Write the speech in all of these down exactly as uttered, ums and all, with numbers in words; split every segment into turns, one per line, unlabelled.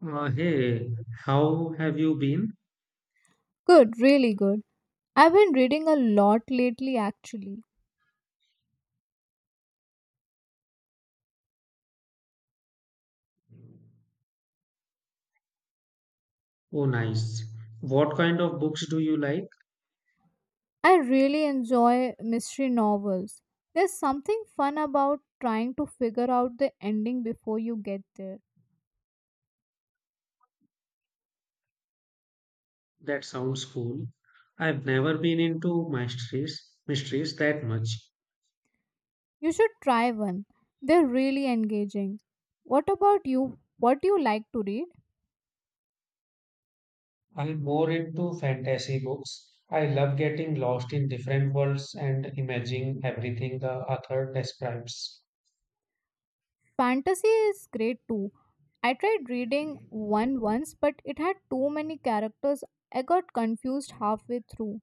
Uh, hey, how have you been?
Good, really good. I've been reading a lot lately actually.
Oh, nice. What kind of books do you like?
I really enjoy mystery novels. There's something fun about trying to figure out the ending before you get there.
That sounds cool. I've never been into mysteries, mysteries that much.
You should try one. They're really engaging. What about you? What do you like to read?
I'm more into fantasy books. I love getting lost in different worlds and imagining everything the author describes.
Fantasy is great too. I tried reading one once, but it had too many characters. I got confused halfway through.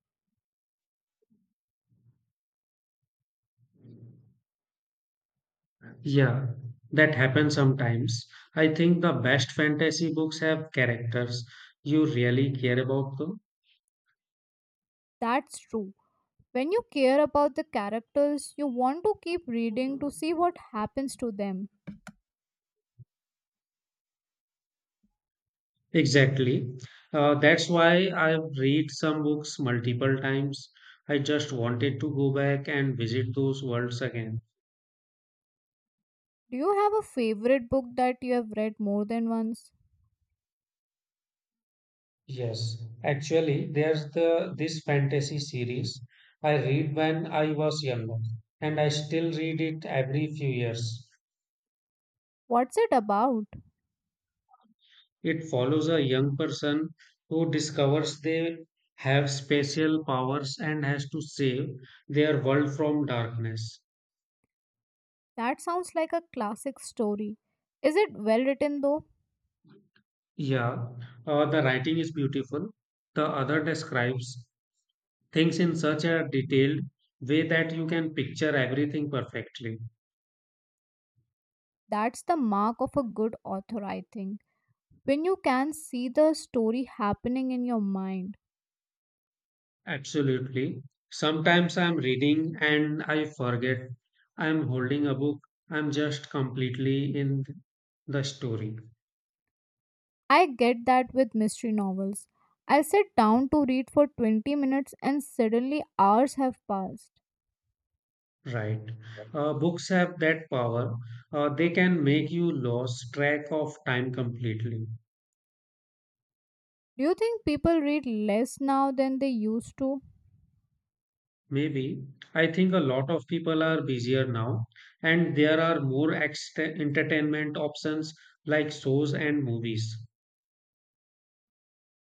Yeah, that happens sometimes. I think the best fantasy books have characters you really care about
That's true. When you care about the characters, you want to keep reading to
them.
see what happens to them.
Exactly. Uh, that's why I've read some books multiple times. I just wanted to go back and visit those worlds again.
Do you have a favorite book that you have read more than once?
Yes, actually, there's the this fantasy series I read when I was younger, and I still read it every few years.
What's it about?
It follows a young person who discovers they have special powers and has to save their world from darkness.
That sounds like a classic story. Is it well written though?
Yeah, uh, the writing is beautiful. The other describes things in such a detailed way that you can picture everything perfectly.
That's the mark of a good author, I think. When you can see the story happening in your mind.
Absolutely. Sometimes I'm reading and I forget I'm holding a book. I'm just completely in the story.
I get that with mystery novels. I sit down to read for twenty minutes and suddenly hours have passed.
Right. Uh, books have that power. Uh, they can make you lose track of time completely.
Do you think people read less now than they used to?
Maybe. I think a lot of people are busier now, and there are more ext- entertainment options like shows and movies.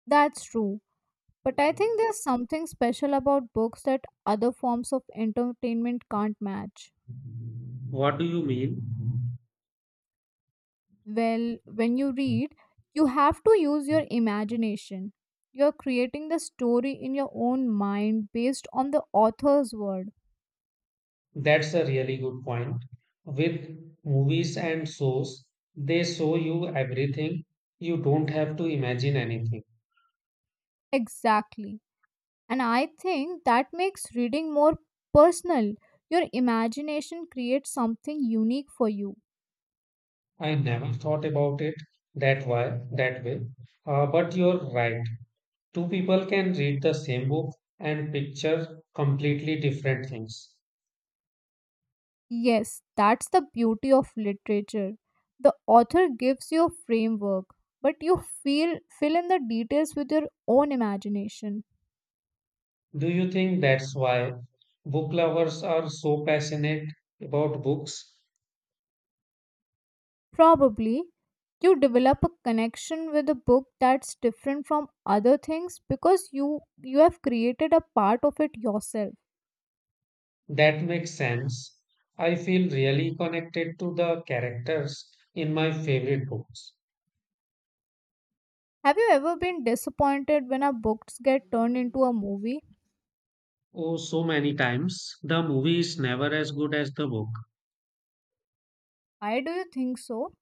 That's true. But I think there's something special about books that other forms of entertainment can't match.
What do you mean?
Well, when you read, you have to use your imagination. You're creating the story in your own mind based on the author's word.
That's a really good point. With movies and shows, they show you everything. You don't have to imagine anything.
Exactly. And I think that makes reading more personal. Your imagination creates something unique for you.
I never thought about it that way, that way. Uh, but you're right. Two people can read the same book and picture completely different things.
Yes, that's the beauty of literature. The author gives you a framework, but you feel fill in the details with your own imagination.
Do you think that's why book lovers are so passionate about books?
Probably you develop a connection with a book that's different from other things because you you have created a part of it yourself.
That makes sense. I feel really connected to the characters in my favorite books.
Have you ever been disappointed when our books get turned into a movie?
Oh, so many times the movie is never as good as the book.
Why do you think so?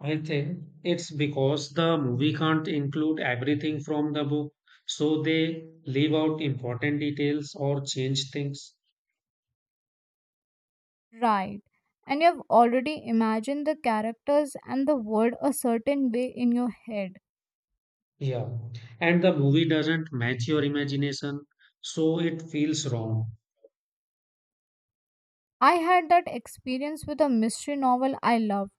I think it's because the movie can't include everything from the book, so they leave out important details or change things.
Right. And you've already imagined the characters and the world a certain way in your head.
Yeah. And the movie doesn't match your imagination, so it feels wrong.
I had that experience with a mystery novel I loved.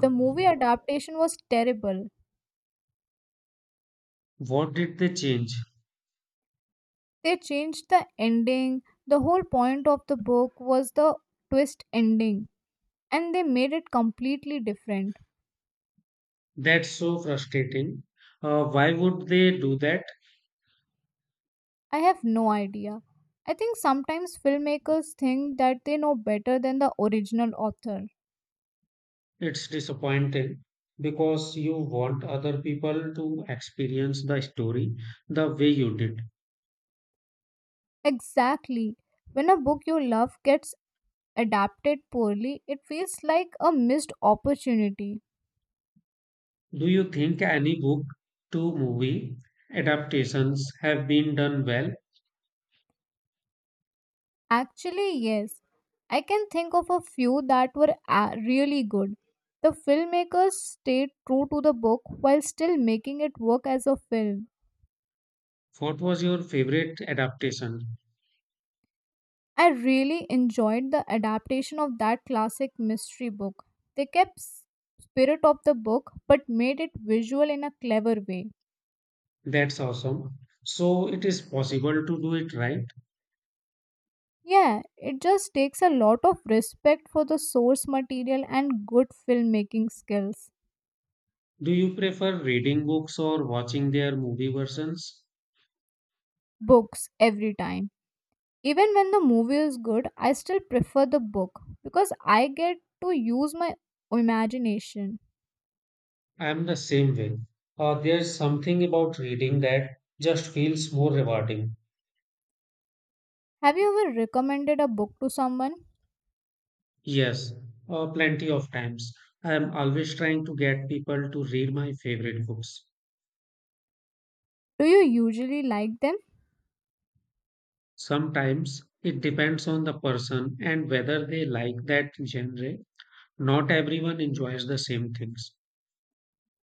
The movie adaptation was terrible.
What did they change?
They changed the ending. The whole point of the book was the twist ending, and they made it completely different.
That's so frustrating. Uh, why would they do that?
I have no idea. I think sometimes filmmakers think that they know better than the original author.
It's disappointing because you want other people to experience the story the way you did.
Exactly. When a book you love gets adapted poorly, it feels like a missed opportunity.
Do you think any book to movie adaptations have been done well?
Actually, yes, I can think of a few that were a- really good. The filmmakers stayed true to the book while still making it work as a film.
What was your favorite adaptation?
I really enjoyed the adaptation of that classic mystery book. They kept s- spirit of the book but made it visual in a clever way.
That's awesome. So it is possible to do it right.
Yeah, it just takes a lot of respect for the source material and good filmmaking skills.
Do you prefer reading books or watching their movie versions?
Books every time. Even when the movie is good, I still prefer the book because I get to use my imagination.
I'm the same way. Uh, there's something about reading that just feels more rewarding.
Have you ever recommended a book to someone?
Yes, uh, plenty of times. I am always trying to get people to read my favorite books.
Do you usually like them?
Sometimes it depends on the person and whether they like that genre. Not everyone enjoys the same things.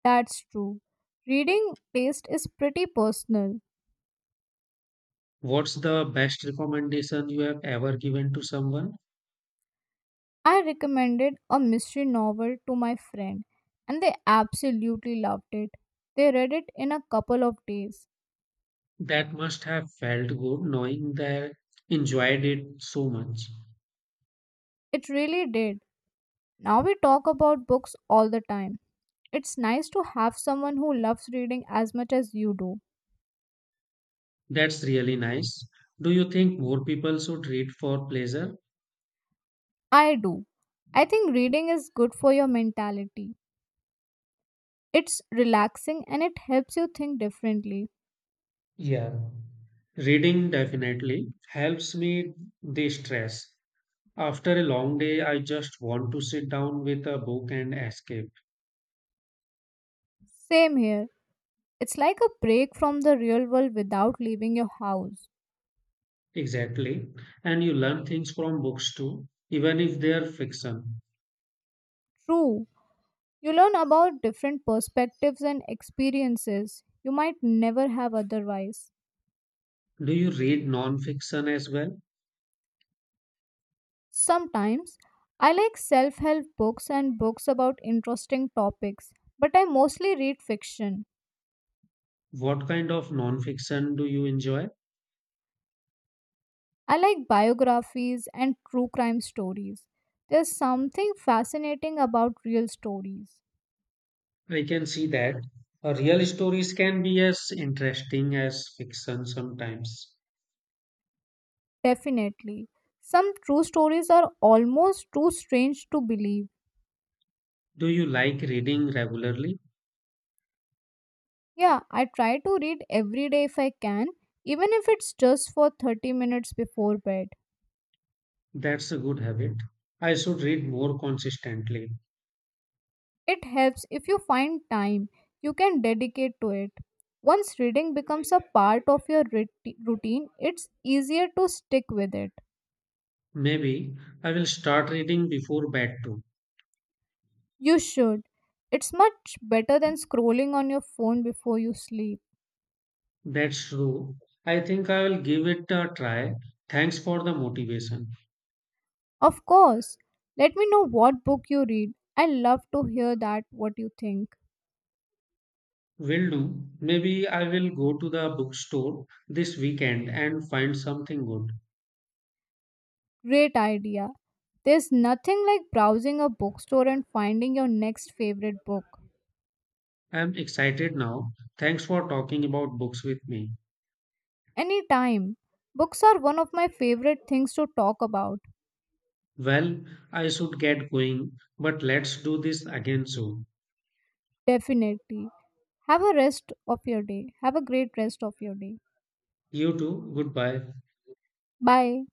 That's true. Reading taste is pretty personal.
What's the best recommendation you have ever given to someone?
I recommended a mystery novel to my friend and they absolutely loved it. They read it in a couple of days.
That must have felt good knowing they enjoyed it so much.
It really did. Now we talk about books all the time. It's nice to have someone who loves reading as much as you do.
That's really nice. Do you think more people should read for pleasure?
I do. I think reading is good for your mentality. It's relaxing and it helps you think differently.
Yeah. Reading definitely helps me de-stress. After a long day, I just want to sit down with a book and escape.
Same here. It's like a break from the real world without leaving your house.
Exactly. And you learn things from books too, even if they are fiction.
True. You learn about different perspectives and experiences you might never have otherwise.
Do you read non-fiction as well?
Sometimes I like self help books and books about interesting topics, but I mostly read fiction.
What kind of nonfiction do you enjoy?
I like biographies and true crime stories. There's something fascinating about real stories.
I can see that uh, real stories can be as interesting as fiction sometimes.
Definitely. Some true stories are almost too strange to believe.
Do you like reading regularly?
Yeah, I try to read every day if I can, even if it's just for thirty minutes before bed.
That's a good habit. I should read more consistently.
It helps if you find time you can dedicate to it. Once reading becomes a part of your rit- routine, it's easier to stick with it.
Maybe I will start reading before bed too.
You should. It's much better than scrolling on your phone before you sleep.
That's true. I think I will give it a try. Thanks for the motivation.
Of course. Let me know what book you read. I love to hear that what you think.
Will do. Maybe I will go to the bookstore this weekend and find something good.
Great idea. There's nothing like browsing a bookstore and finding your next favorite book.
I'm excited now. Thanks for talking about books with me.
Anytime. Books are one of my favorite things to talk about.
Well, I should get going, but let's do this again soon.
Definitely. Have a rest of your day. Have a great rest of your day.
You too, goodbye.
Bye.